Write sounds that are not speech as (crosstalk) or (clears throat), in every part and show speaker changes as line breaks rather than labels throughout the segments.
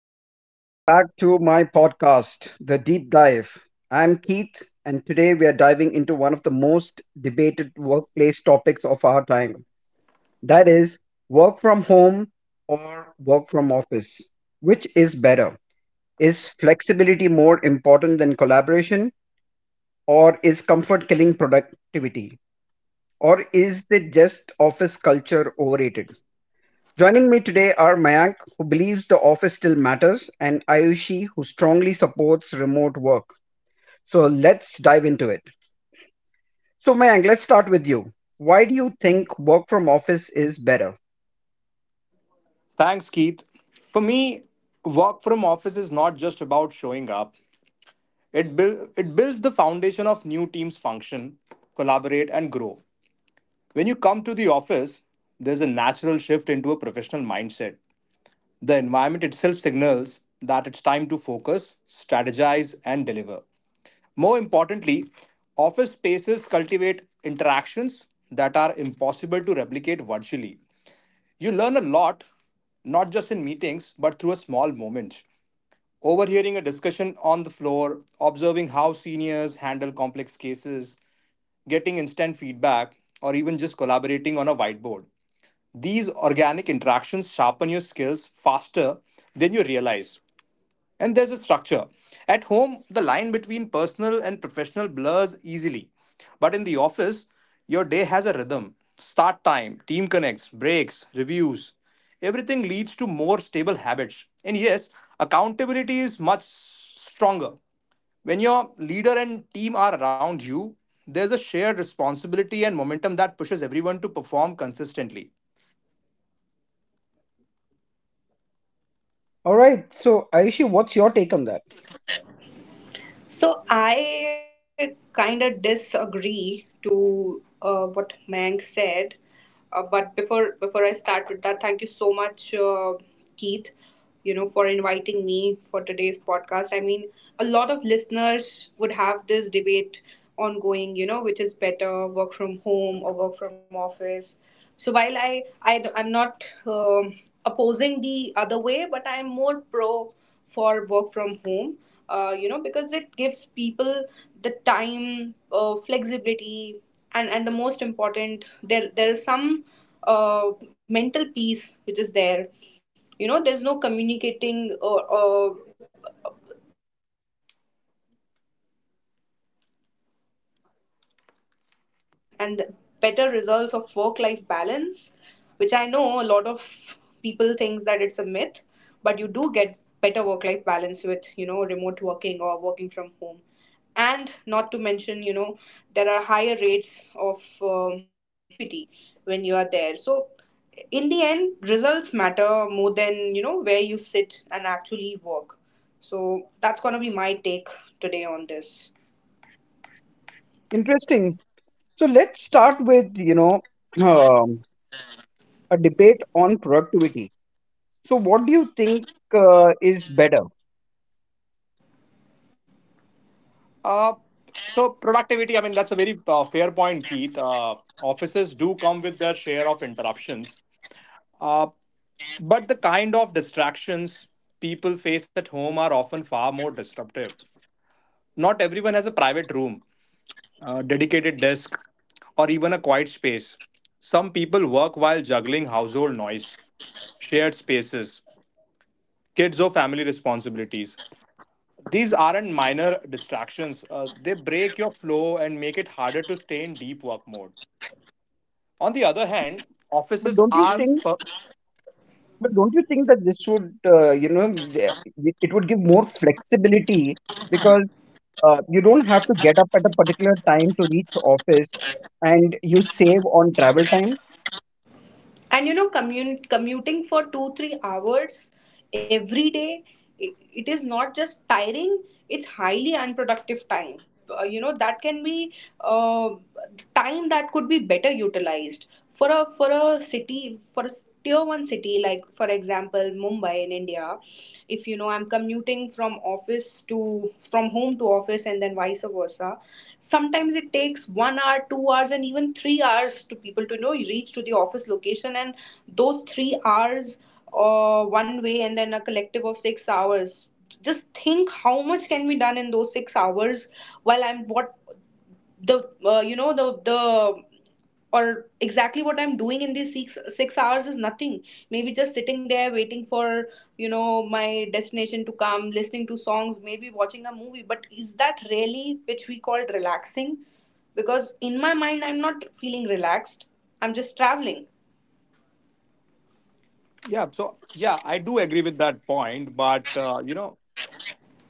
and welcome back to my podcast, The Deep Dive. I'm Keith, and today we are diving into one of the most debated workplace topics of our time, that is, work from home or work from office. Which is better? Is flexibility more important than collaboration, or is comfort killing productivity, or is it just office culture overrated? Joining me today are Mayank, who believes the office still matters, and Ayushi, who strongly supports remote work. So let's dive into it. So, Mayank, let's start with you. Why do you think work from office is better?
Thanks, Keith. For me, work from office is not just about showing up. It builds the foundation of new teams function, collaborate and grow. When you come to the office, there's a natural shift into a professional mindset. The environment itself signals that it's time to focus, strategize and deliver. More importantly, office spaces cultivate interactions that are impossible to replicate virtually. You learn a lot not just in meetings but through a small moment. Overhearing a discussion on the floor, observing how seniors handle complex cases, getting instant feedback, or even just collaborating on a whiteboard. These organic interactions sharpen your skills faster than you realize. And there's a structure. At home, the line between personal and professional blurs easily. But in the office, your day has a rhythm: start time, team connects, breaks, reviews. Everything leads to more stable habits. And yes, accountability is much stronger. When your leader and team are around you, there's a shared responsibility and momentum that pushes everyone to perform consistently.
All right. So, Ayushi, what's your take on that?
So I kind of disagree to what Mang said, but before I start with that, thank you so much, Keith, for inviting me for today's podcast. I mean, a lot of listeners would have this debate ongoing, which is better, work from home or work from office. So while I'm not opposing the other way, but I'm more pro for work from home, because it gives people the time, flexibility, and the most important, there is some mental peace which is there. There's no communicating or, as such, and I can be offline. Also the commuting stress and the better results of work life balance, which I know a lot of people thinks that it's a myth, but you do get better work life balance with, remote working or working from home. And not to mention, there are higher rates of productivity when you are there. So in the end, results matter more than, where you sit and actually work. So that's going to be my take today on this.
Interesting. So, let's start with, you know, um, a debate on productivity. So, what do you think is better?
Uh, so productivity, I mean, that's a very fair point, Keith. Offices do come with their share of interruptions, uh, but the kind of distractions people face at home are often far more disruptive. Not everyone has a private room, a dedicated desk, or even a quiet space. Some people work while juggling household noise, shared spaces, kids or family responsibilities. These aren't minor distractions, they break your flow and make it harder to stay in deep work mode. On the
But
other
don't,
hand,
but
offices
don't you
are, Mhm.
think That this would, you know, the- it would give more flexibility because you don't have to get up at a particular time to reach the office and you save on travel time?
And commuting for 2 3 hours every day, it, it is not just tiring, it's highly unproductive time. Uh, you know that can be, uh, time that could be better utilized for a for a city for a tier 1 city, like for example, Mumbai in India. If I'm commuting from home to office and then vice versa, sometimes it takes 1 hour, 2 hours, and even 3 hours to people to reach to the office location. And those 3 hours, one way, and then a collective of 6 hours, just think how much can be done in those 6 hours, while I'm, what the you know the or exactly what I'm doing in these six hours is nothing. Maybe just sitting there waiting for my destination to come, listening to songs, maybe watching a movie. But is that really which we call relaxing? Because in my mind I'm not feeling relaxed. I'm just traveling.
Yeah, so yeah, I do agree with that point, but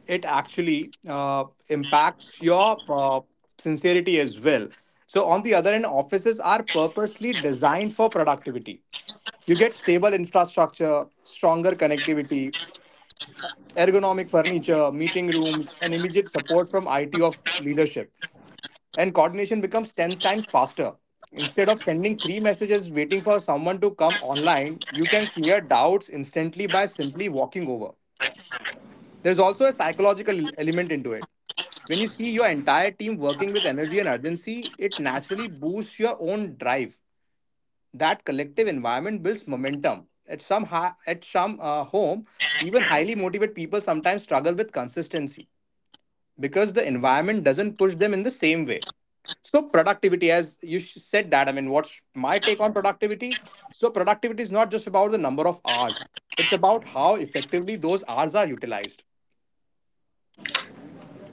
it actually impacts your sincerity as well. So, on the other hand, offices are purposely designed for productivity. You get stable infrastructure, stronger connectivity, ergonomic furniture, meeting rooms, and immediate support from IT of leadership. And coordination becomes 10 times faster. Instead of sending three messages waiting for someone to come online, you can clear doubts instantly by simply walking over. There's also a psychological element into it. When you see your entire team working with energy and urgency, it naturally boosts your own drive. That collective environment builds momentum at some home. Even highly motivated people sometimes struggle with consistency because the environment doesn't push them in the same way. So productivity, as you said that, I mean, what's my take on productivity? So productivity is not just about the number of hours; it's about how effectively those hours are utilized.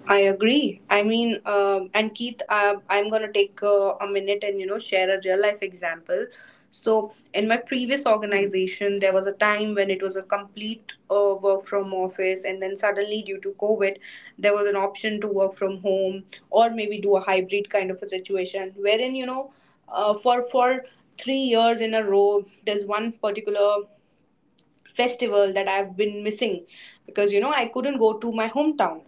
I agree. I mean, and Keith, I'm gonna take, a minute and share a real life example. So in my previous organization, there was a time when it was a complete, work from office, and then suddenly due to COVID, there was an option to work from home, or maybe do a hybrid kind of a situation, wherein, for 3 years in a row, there's one particular festival that I've been missing, because I couldn't go to my hometown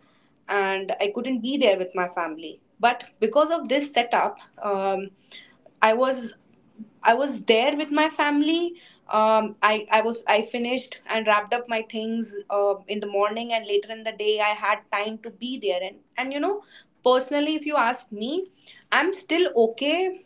and I couldn't be there with my family. But because of this setup, I was I was there with my family. I finished and wrapped up my things, in the morning, and later in the day I had time to be there, and personally, if you ask me, I'm still okay,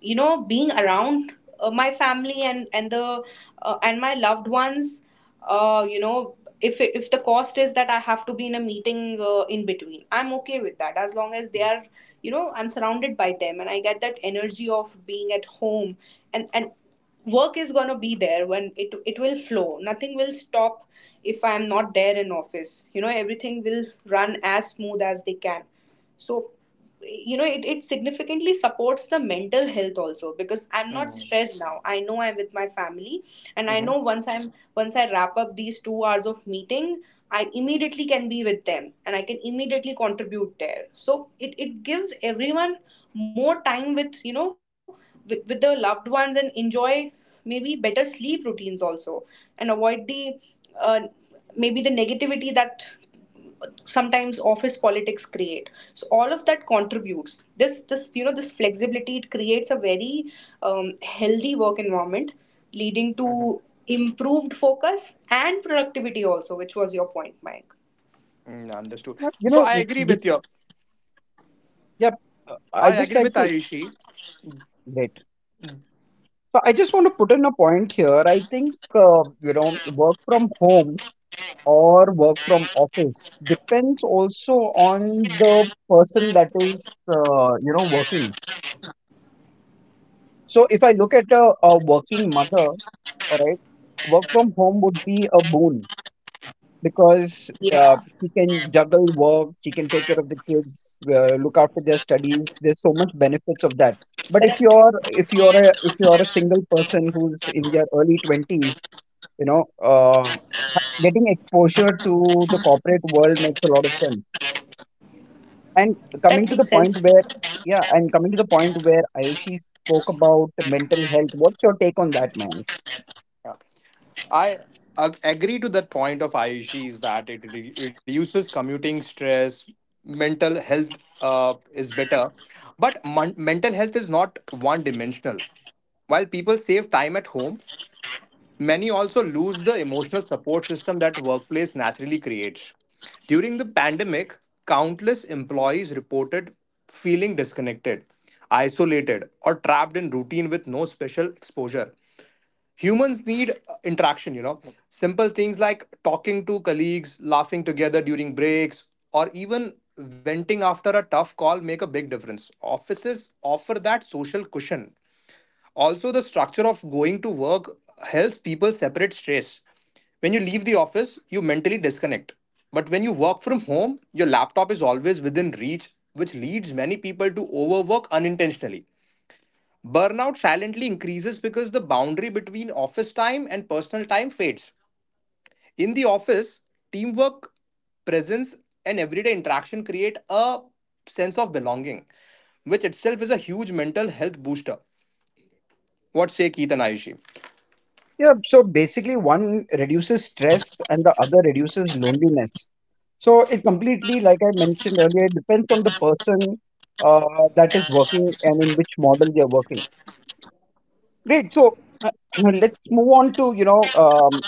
being around, my family and the and my loved ones. uh, you know if the cost is that I have to be in a meeting, in between, I'm okay with that, as long as they are, I'm surrounded by them, and I get that energy of being at home. And work is going to be there, when it will flow, nothing will stop. If I'm not there in office, everything will run as smooth as they can. So, it significantly supports the mental health also, because I'm not
Mm-hmm.
stressed. Now I know I'm with my family, and I
Mm-hmm.
know, once I wrap up these 2 hours of meeting, I immediately can be with them, and I can immediately contribute there. So it gives everyone more time with you know with the loved ones, and enjoy maybe better sleep routines also, and avoid the uh, maybe the negativity that sometimes office politics create. So all of that contributes. This this you know this flexibility, it creates a very, healthy work environment, leading to
Mm-hmm.
improved focus and productivity also, which was your point, Mike.
Mm, understood.
But, You
So
know,
I
it-
agree
it-
with your.
yeah, I
I
just
agree
like
with
to,
Ayushi.
right. So I just want to put in a point here. I think, you know, work from home or work from office depends also on the person that is, you know, working. So if I look at a working mother, all right, work from home would be a boon because
Yeah.
she can juggle work, she can take care of the kids, look after their studies. There's so much benefits of that. But if
Correct.
you're if you're a if you're a single person who's in their early twenties, you know, getting exposure to the corporate world makes a lot of sense. And coming
That
to the
makes
point
sense.
where yeah, and coming to the point where Ayushi spoke about mental health, what's your take on that, man?
Yeah. I agree to that point of Ayushi is that it reduces commuting stress, mental health is better, but mental health is not one dimensional. While people save time at home, many also lose the emotional support system that workplace naturally creates. During the pandemic, countless employees reported feeling disconnected, isolated, or trapped in routine with no special exposure. Humans need interaction. Simple things like talking to colleagues, laughing together during breaks, or even venting after a tough call make a big difference. Offices offer that social cushion. Also, the structure of going to work helps people separate stress. When you leave the office, you mentally disconnect, but when you work from home, your laptop is always within reach, which leads many people to overwork unintentionally. Burnout silently increases because the boundary between office time and personal time fades. In the office, teamwork, presence, and everyday interaction create a sense of belonging, which itself is a huge mental health booster. What say Keith and Ayushi?
Yeah, so basically, one reduces stress and the other reduces loneliness. So it completely, like I mentioned earlier, it depends on the person uh, that is working and in which model they are working. Great. So uh, (clears throat) let's move on to, you know,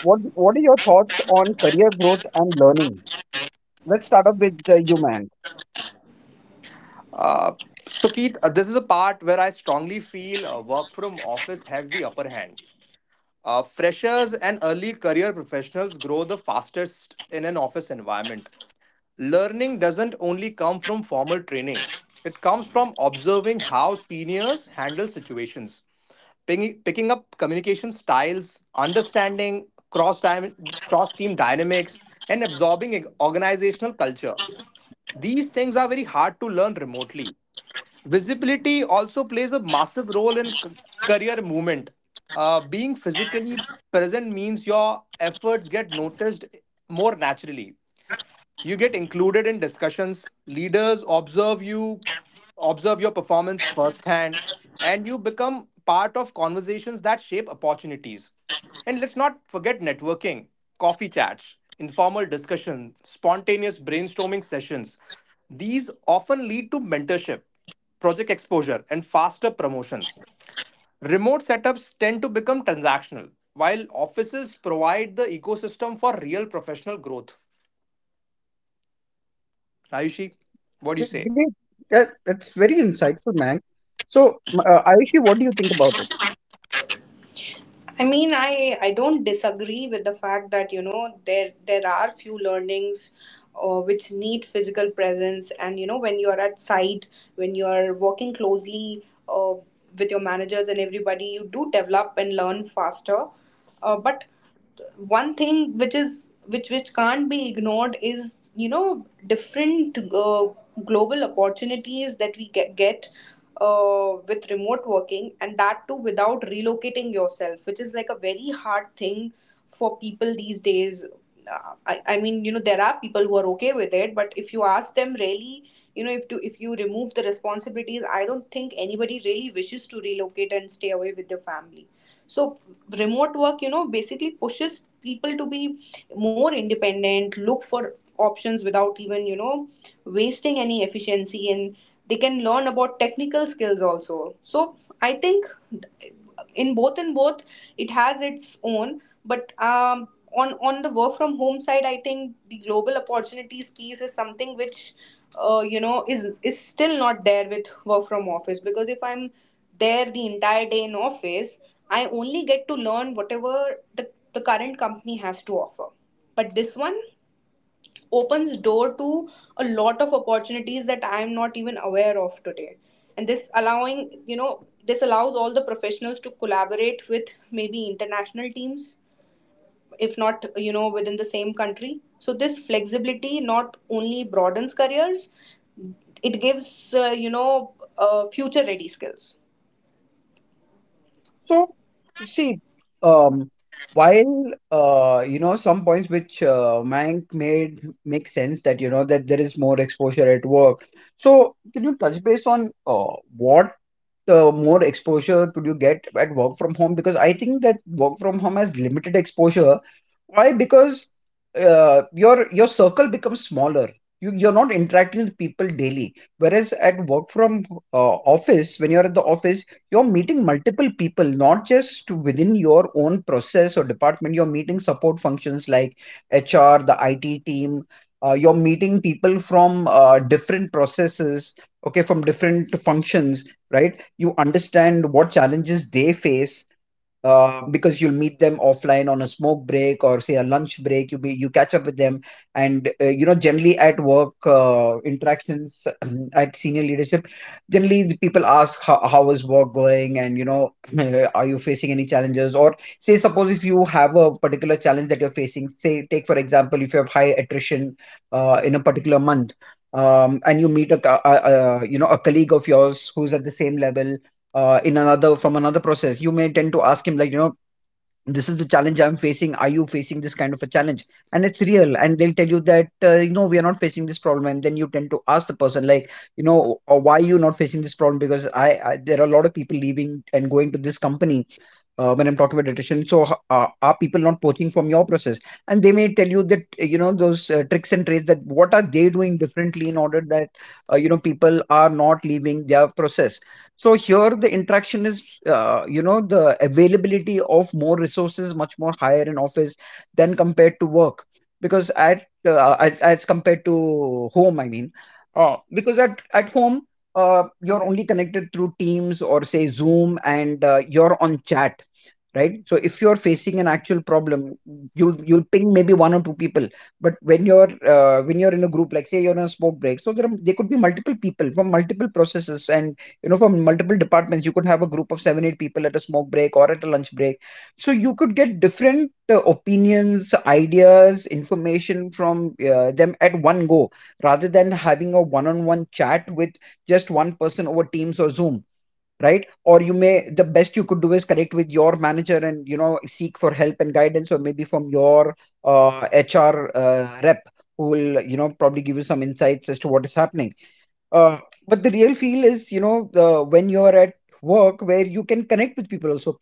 what are your thoughts on career growth and learning? Let's start off with you, Mank.
Uh, so, Keith, this is a part where I strongly feel work from office has the upper hand. Freshers and early career professionals grow the fastest in an office environment. Learning doesn't only come from formal training, it comes from observing how seniors handle situations, picking up communication styles, understanding cross team dynamics, and absorbing organizational culture. These things are very hard to learn remotely. Visibility also plays a massive role in career movement. Being physically present means your efforts get noticed more naturally. You get included in discussions. Leaders observe you, observe your performance firsthand, and you become part of conversations that shape opportunities. And let's not forget networking: coffee chats, informal discussion, spontaneous brainstorming sessions. These often lead to mentorship, project exposure and faster promotions. Remote setups tend to become transactional, while offices provide the ecosystem for real professional growth. Ayushi, what do you say?
Great. That's very insightful, Mank. So, Ayushi, what do you think about it?
I mean, I don't disagree with the fact that there are few learnings. Which need physical presence, and when you are at site, when you are working closely, with your managers and everybody, you do develop and learn faster, but one thing, which can't be ignored, is different, global opportunities that we get with remote working, and that too without relocating yourself, which is like a very hard thing for people these days. I mean, there are people who are okay with it, but if you ask them really, if you remove the responsibilities, I don't think anybody really wishes to relocate and stay away with their family. So remote work, basically pushes people to be more independent, look for options without even wasting any efficiency, and they can learn about technical skills also. So I think in both, it has its own. But on the work from home side, I think the global opportunities piece is something which, is still not there with work from office. Because if I'm there the entire day in office, I only get to learn whatever the current company has to offer. But this one opens door to a lot of opportunities that I'm not even aware of today. And this allows all the professionals to collaborate with maybe international teams, if not within the same country. So this flexibility not only broadens careers, it gives, future ready skills.
So, see, um, while you know, some points which Mank made make sense, that you know that there is more exposure at work. So, can you touch base on what more exposure could you get at work from home? Because I think that work from home has limited exposure. Why? Because your circle becomes smaller. You you're not interacting with people daily. Whereas at work from office, when you're at the office, you're meeting multiple people, not just within your own process or department. You're meeting support functions like HR, the IT team. You're meeting people from different processes. Okay, from different functions, right? You understand what challenges they face because you'll meet them offline on a smoke break, or say a lunch break, you catch up with them, and you know, generally at work interactions (clears throat) at senior leadership, generally the people ask, how is work going, and you know, (laughs) (clears throat) are you facing any challenges? Or say suppose if you have a particular challenge that you're facing, say take for example, if you have high attrition in a particular month, and you meet a, you know, a colleague of yours who's at the same level in another from another process. You may tend to ask him, like, you know, this is the challenge I'm facing, are you facing this kind of a challenge? And it's real, and they'll tell you that, you know, we are not facing this problem. And then you tend to ask the person, like, you know, why are you not facing this problem, because I, there are a lot of people leaving and going to this company when I'm talking about nutrition. So, are people not poaching from your process?" And they may tell you that, you know, those tricks and trades, that what are they doing differently in order that you know, people are not leaving their process. So here the interaction is, you know, the availability of more resources much more higher in office than compared to work, because at as compared to home, I mean, because at home, you're only connected through Teams or say Zoom, and you're on chat, right? So if you're facing an actual problem, you'll ping maybe one or two people. But when you're in a group, like say you're on a smoke break, so there are, there could be multiple people from multiple processes and you know from multiple departments. You could have a group of 7-8 people at a smoke break or at a lunch break, so you could get different opinions, ideas, information from them at one go, rather than having a one on one chat with just one person over Teams or Zoom, right? Or you may, the best you could do is connect with your manager and you know seek for help and guidance, or maybe from your HR rep, who will you know probably give you some insights as to what is happening. Uh, but the real feel is, you know, when you're at work, where you can connect with people also.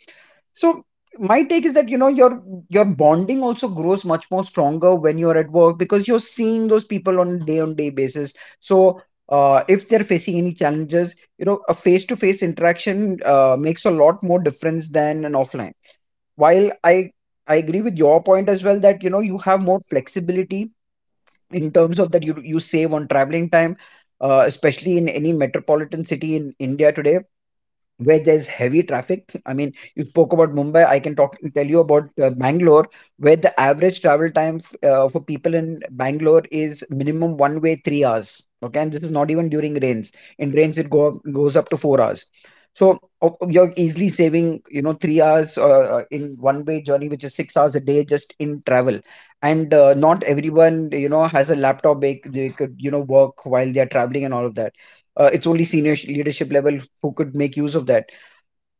So my take is that, you know, your bonding also grows much more stronger when you're at work, because you're seeing those people on day basis. So if they're facing any challenges, you know, a face to face interaction makes a lot more difference than an offline. While I agree with your point as well, that you know you have more flexibility in terms of that you save on traveling time, especially in any metropolitan city in India today, where there's heavy traffic. (laughs) I mean, you spoke about Mumbai. I can talk tell you about Bangalore, where the average travel time for people in Bangalore is minimum one way 3 hours. Okay, and this is not even during rains. In rains, it go goes up to 4 hours. So you're easily saving, you know, 3 hours in one way journey, which is 6 hours a day just in travel. And not everyone, you know, has a laptop. They could, you know, work while they are traveling and all of that. It's only senior leadership level who could make use of that.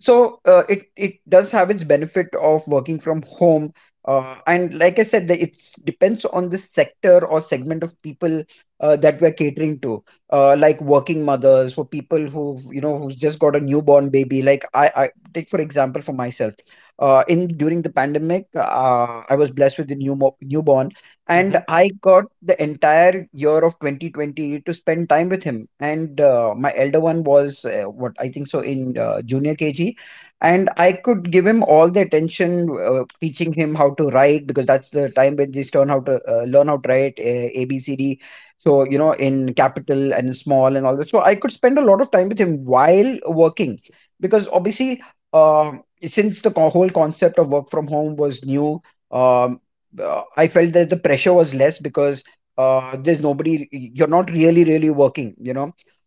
So it it does have its benefit of working from home. Uh, and like I said, it depends on the sector or segment of people that we're catering to, like working mothers, for people who, you know, who's just got a newborn baby. Like I take for example for myself, in during the pandemic I was blessed with a newborn,
Hmm.
and I got the entire year of 2020 to spend time with him. And my elder one was what I think so in junior KG, and I could give him all the attention, teaching him how to write, because that's the time when they learn how to write, A B C D. So you know, in capital and small and all that. So I could spend a lot of time with him while working, because obviously. Uh, since the whole concept of work from home was new, um, I felt that the pressure was less because there's nobody, you're not really, really working, you know.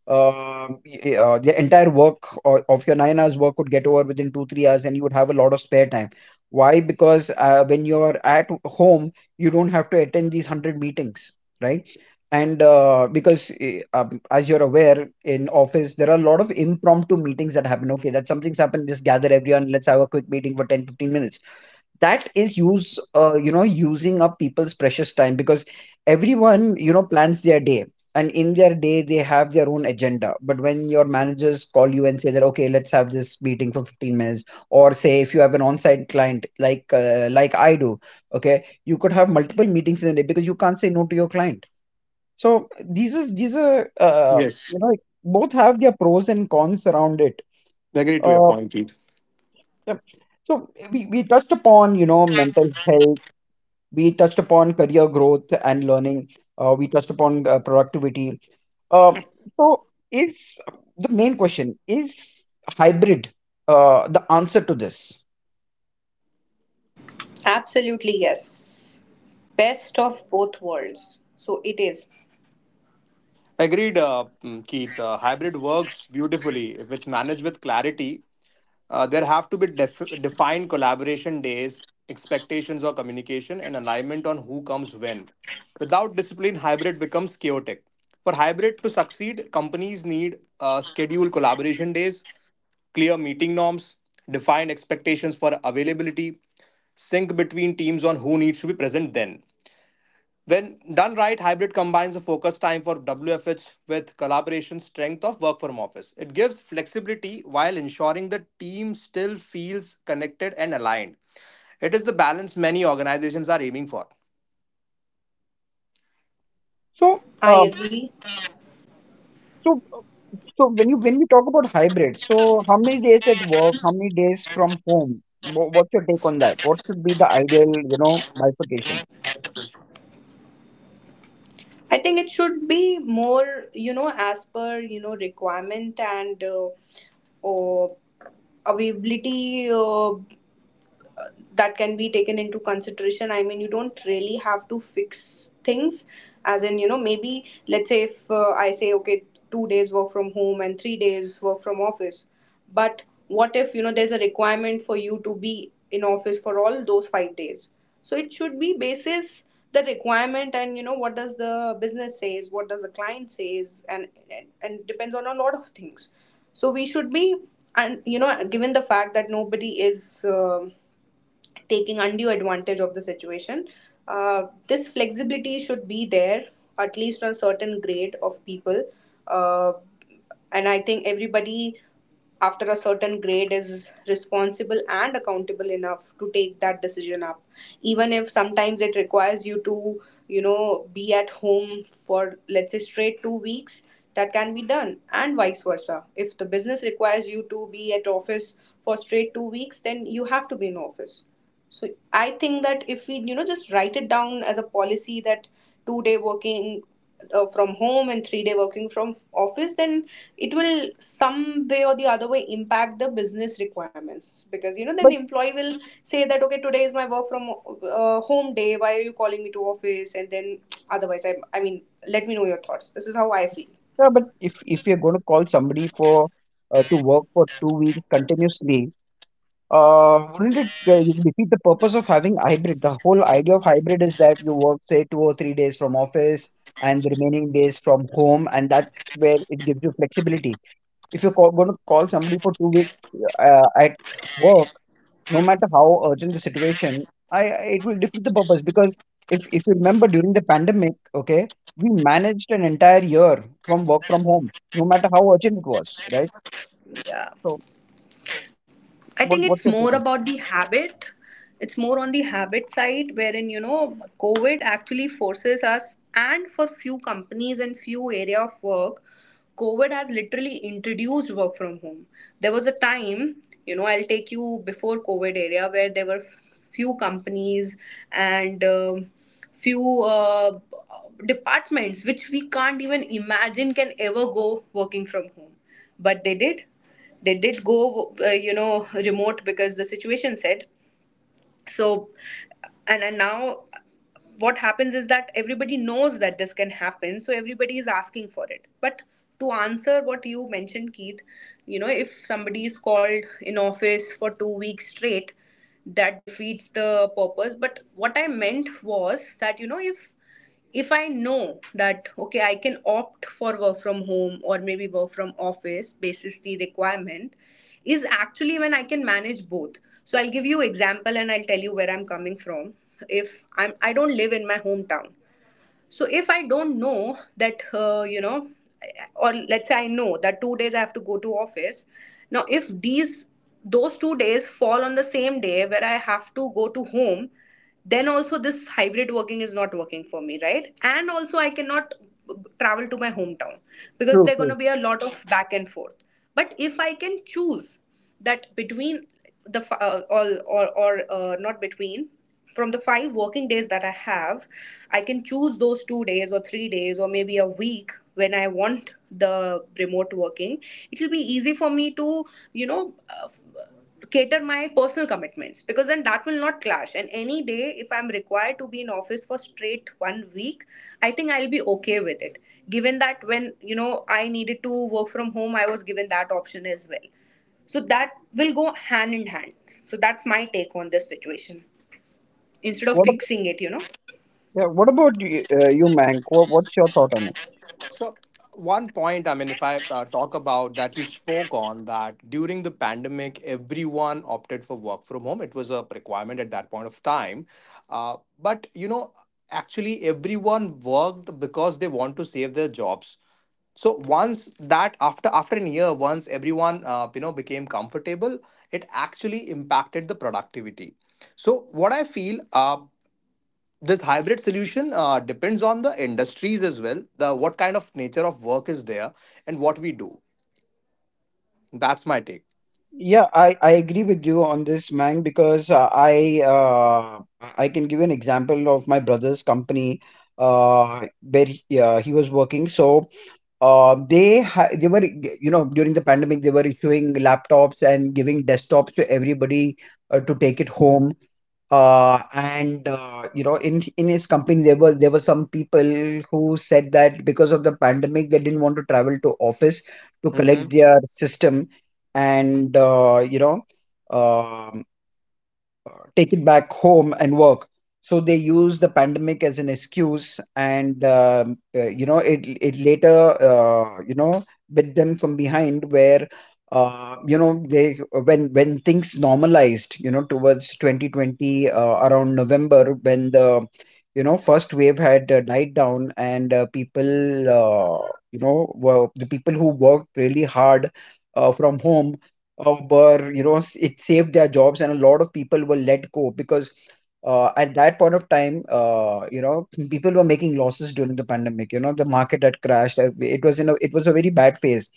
The entire of your 9 hours work would get over within two, 3 hours, and you would have a lot of spare time. Why? Because when you're at home, you don't have to attend these 100 meetings, right? And because, as you're aware, in office, there are a lot of impromptu meetings that happen. Okay, that something's happened, just gather everyone, let's have a quick meeting for 10, 15 minutes that is use you know using up people's precious time, because everyone plans their day, and in their day they have their own agenda. But when your managers call you and say that, okay, let's have this meeting for 15 minutes, or say if you have an on-site client, like I do, okay, you could have multiple meetings in a day because you can't say no to your client. So these is these are
Yes,
you know both have their pros and cons around it.
agree to your
uh,
point, Keith.
yeah. So we touched upon mental health, we touched upon career growth and learning, we touched upon productivity. Uh, so is the main question is hybrid — the answer to this.
Absolutely, yes. Best of both worlds, so it is.
Agreed, Keith. Hybrid works beautifully if it's managed with clarity. There have to be defined collaboration days, expectations or communication, and alignment on who comes when. Without discipline, hybrid becomes chaotic. For hybrid to succeed, companies need scheduled collaboration days, clear meeting norms, defined expectations for availability, sync between teams on who needs to be present then. When done right, hybrid combines the focus time for WFH with collaboration strength of work from office. It gives flexibility while ensuring the team still feels connected and aligned. It is the balance many organizations are aiming for.
so
I
um,
agree.
so so when we talk about hybrid, so how many days at work, how many days from home? What's your take on that? What should be the ideal, bifurcation?
I think it should be more, as per, requirement, and uh, availability, that can be taken into consideration. I mean, you don't really have to fix things, as in, maybe let's say if, I say, okay, 2 days work from home and 3 days work from office. But what if, there's a requirement for you to be in office for all those 5 days? So it should be basis the requirement, and what does the business says, what does the client says, and depends on a lot of things. So we should be, and given the fact that nobody is taking undue advantage of the situation, this flexibility should be there, at least on a certain grade of people. uh, and I think everybody after a certain grade is responsible and accountable enough to take that decision up, even if sometimes it requires you to, be at home for, let's say, straight 2 weeks. That can be done. And vice versa, if the business requires you to be at office for straight 2 weeks, then you have to be in office. So I think that if we, just write it down as a policy that 2 day working, from home, and 3 day working from office, then it will some way or the other way impact the business requirements, because then
but
employee will say that, okay, today is my work from, home day. Why are you calling me to office? And then otherwise, I mean, let me know your thoughts. This is how I feel.
uh, but if you're going to call somebody for to work for 2 weeks continuously, wouldn't it you defeat the purpose of having hybrid? The whole idea of hybrid is that you work, say, 2 or 3 days from office and the remaining days from home, and that's where it gives you flexibility. If you're going to call somebody for 2 weeks at work, no matter how urgent the situation, it will defeat the purpose, because if you remember, during the pandemic, okay, we managed an entire year from work from home, no matter how urgent it was, right?
Yeah.
So,
I
what
think
what's
it's
your take
more
on?
about the habit. It's more on the habit side, wherein, COVID actually forces us, and for few companies and few area of work, COVID has literally introduced work from home. There was a time, I'll take you before COVID area, where there were few companies and few departments which we can't even imagine can ever go working from home, but they did go, remote, because the situation said. So, and now what happens is that everybody knows that this can happen, so everybody is asking for it. But to answer what you mentioned, Keith, if somebody is called in office for 2 weeks straight, that defeats the purpose. But what I meant was that, if I know that, okay, I can opt for work from home or maybe work from office basis the requirement, is actually when I can manage both. So I'll give you example, and I'll tell you where I'm coming from. If I'm I don't live in my hometown. So if I don't know that, or let's say I know that 2 days I have to go to office, now if these those 2 days fall on the same day where I have to go to home, then also this hybrid working is not working for me, right? And also I cannot travel to my hometown, because
True,
there are going
true.
to be a lot of back and forth. But if I can choose that, all or not between from the 5 working days that I have, I can choose those 2 days or 3 days or maybe a week when I want the remote working. It will be easy for me to, you know, uh, cater my personal commitments, because then that will not clash. And any day, if I'm required to be in office for straight 1 week, I think I'll be okay with it. Given that when, I needed to work from home, I was given that option as well. So that will go hand in hand. So that's my take on this situation, instead of
What
fixing it.
Yeah, what about you, Mank? What's your thought on it?
So, one point, I mean, if I talk about that, you spoke on that during the pandemic, everyone opted for work from home. It was a requirement at that point of time. But, actually, everyone worked because they want to save their jobs. So once that after an year, once everyone became comfortable, it actually impacted the productivity. So what I feel, this hybrid solution depends on the industries as well, the what kind of nature of work is there and what we do. That's my take.
Yeah, I agree with you on this, Mang, because I can give an example of my brother's company, where he was working. So, they ha they were you know during the pandemic they were issuing laptops and giving desktops to everybody to take it home. And in his company, there were some people who said that, because of the pandemic, they didn't want to travel to office to
Hmm.
collect their system and um take it back home and work. So they use the pandemic as an excuse, and it later, bit them from behind, where, you know they when things normalized, towards 2020, around November, when the first wave had died down, and people you know were the people who worked really hard from home were you know s- it saved their jobs. And a lot of people were let go, because at that point of time, people were making losses during the pandemic. The market had crashed. It was a very bad phase.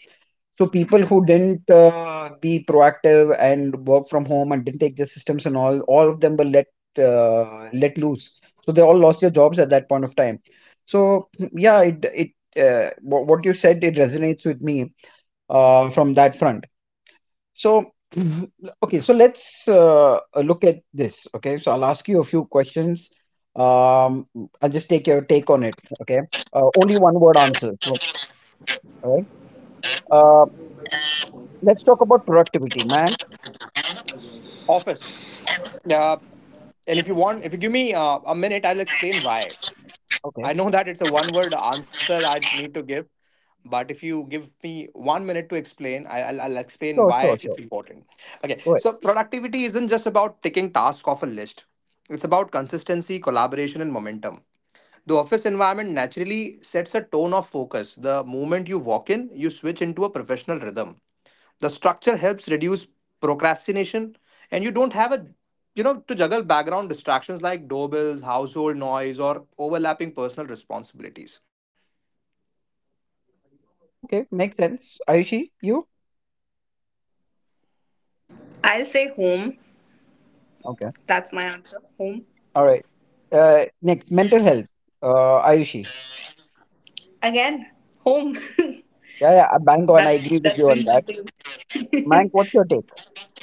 So people who didn't be proactive and work from home and didn't take the systems, and all of them were let loose. So they all lost their jobs at that point of time. So, yeah, what you said, it resonates with me, from that front. So, (clears throat) (laughs) okay, so let's look at this. Okay, so I'll ask you a few questions. Um, I'll just take your take on it. Okay, only one word answer. All right. Uh, let's talk about productivity, Mank.
Office. uh, and if you want, if you give me a minute, I'll explain why.
Okay,
I know that it's a one word answer I need to give, but if you give me one minute to explain, I'll explain
sure,
why
sure,
it's
sure.
important. Okay,
Go ahead.
so productivity isn't just about ticking tasks off a list. It's about consistency, collaboration and momentum. The office environment naturally sets a tone of focus. The moment you walk in, you switch into a professional rhythm. The structure helps reduce procrastination, and you don't have a you know to juggle background distractions like doorbells, household noise, or overlapping personal responsibilities.
Okay, makes sense. Ayushi, you?
I'll say home.
Okay,
That's my answer. Home.
all right. Next, mental health. Ayushi.
Again, home. (laughs)
Yeah, yeah, bang on. I
that's
agree with
that's
you on
been my
that.
thing.
Mank, what's your take?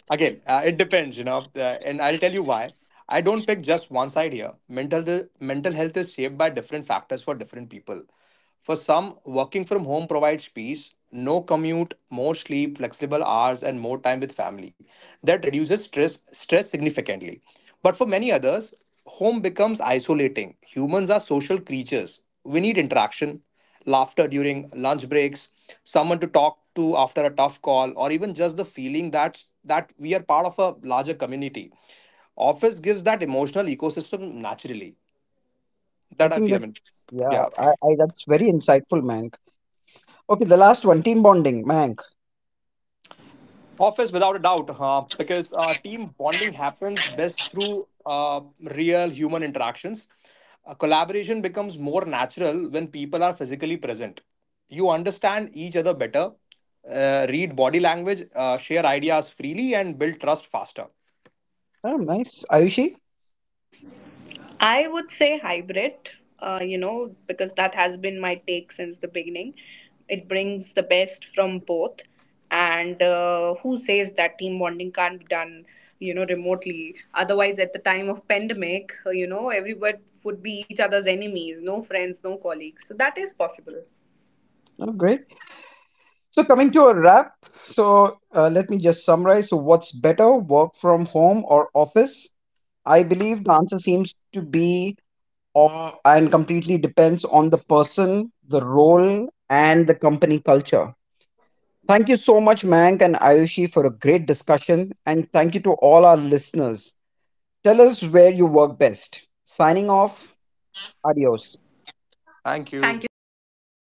Again, it depends, and I'll tell you why. I don't pick just one side here. Mental health is shaped by different factors for different people. For some, working from home provides peace, no commute, more sleep, flexible hours, and more time with family. That reduces stress significantly. But for many others, home becomes isolating. Humans are social creatures. We need interaction, laughter during lunch breaks, someone to talk to after a tough call, or even just the feeling that we are part of a larger community. Office gives that emotional ecosystem naturally.
I
That I
think
feel. I mean,
that's Yeah,
yeah.
I that's very insightful, Mank. Okay, the last one, team bonding, Mank.
Office, without a doubt, because team bonding happens best through real human interactions. Collaboration becomes more natural when people are physically present. You understand each other better, read body language, share ideas freely, and build trust faster.
Oh, nice. Ayushi,
I would say hybrid, because that has been my take since the beginning. It brings the best from both. And who says that team bonding can't be done, remotely? Otherwise, at the time of pandemic, everyone would be each other's enemies, no friends, no colleagues. So that is possible.
oh, great. So, coming to a wrap, so let me just summarize. So, what's better, work from home or office? I believe the answer seems to be or, and completely depends on the person, the role, and the company culture. Thank you so much, Mank and Ayushi, for a great discussion. And thank you to all our listeners. Tell us where you work best. Signing off. Adios.
Thank you.
Thank you so much for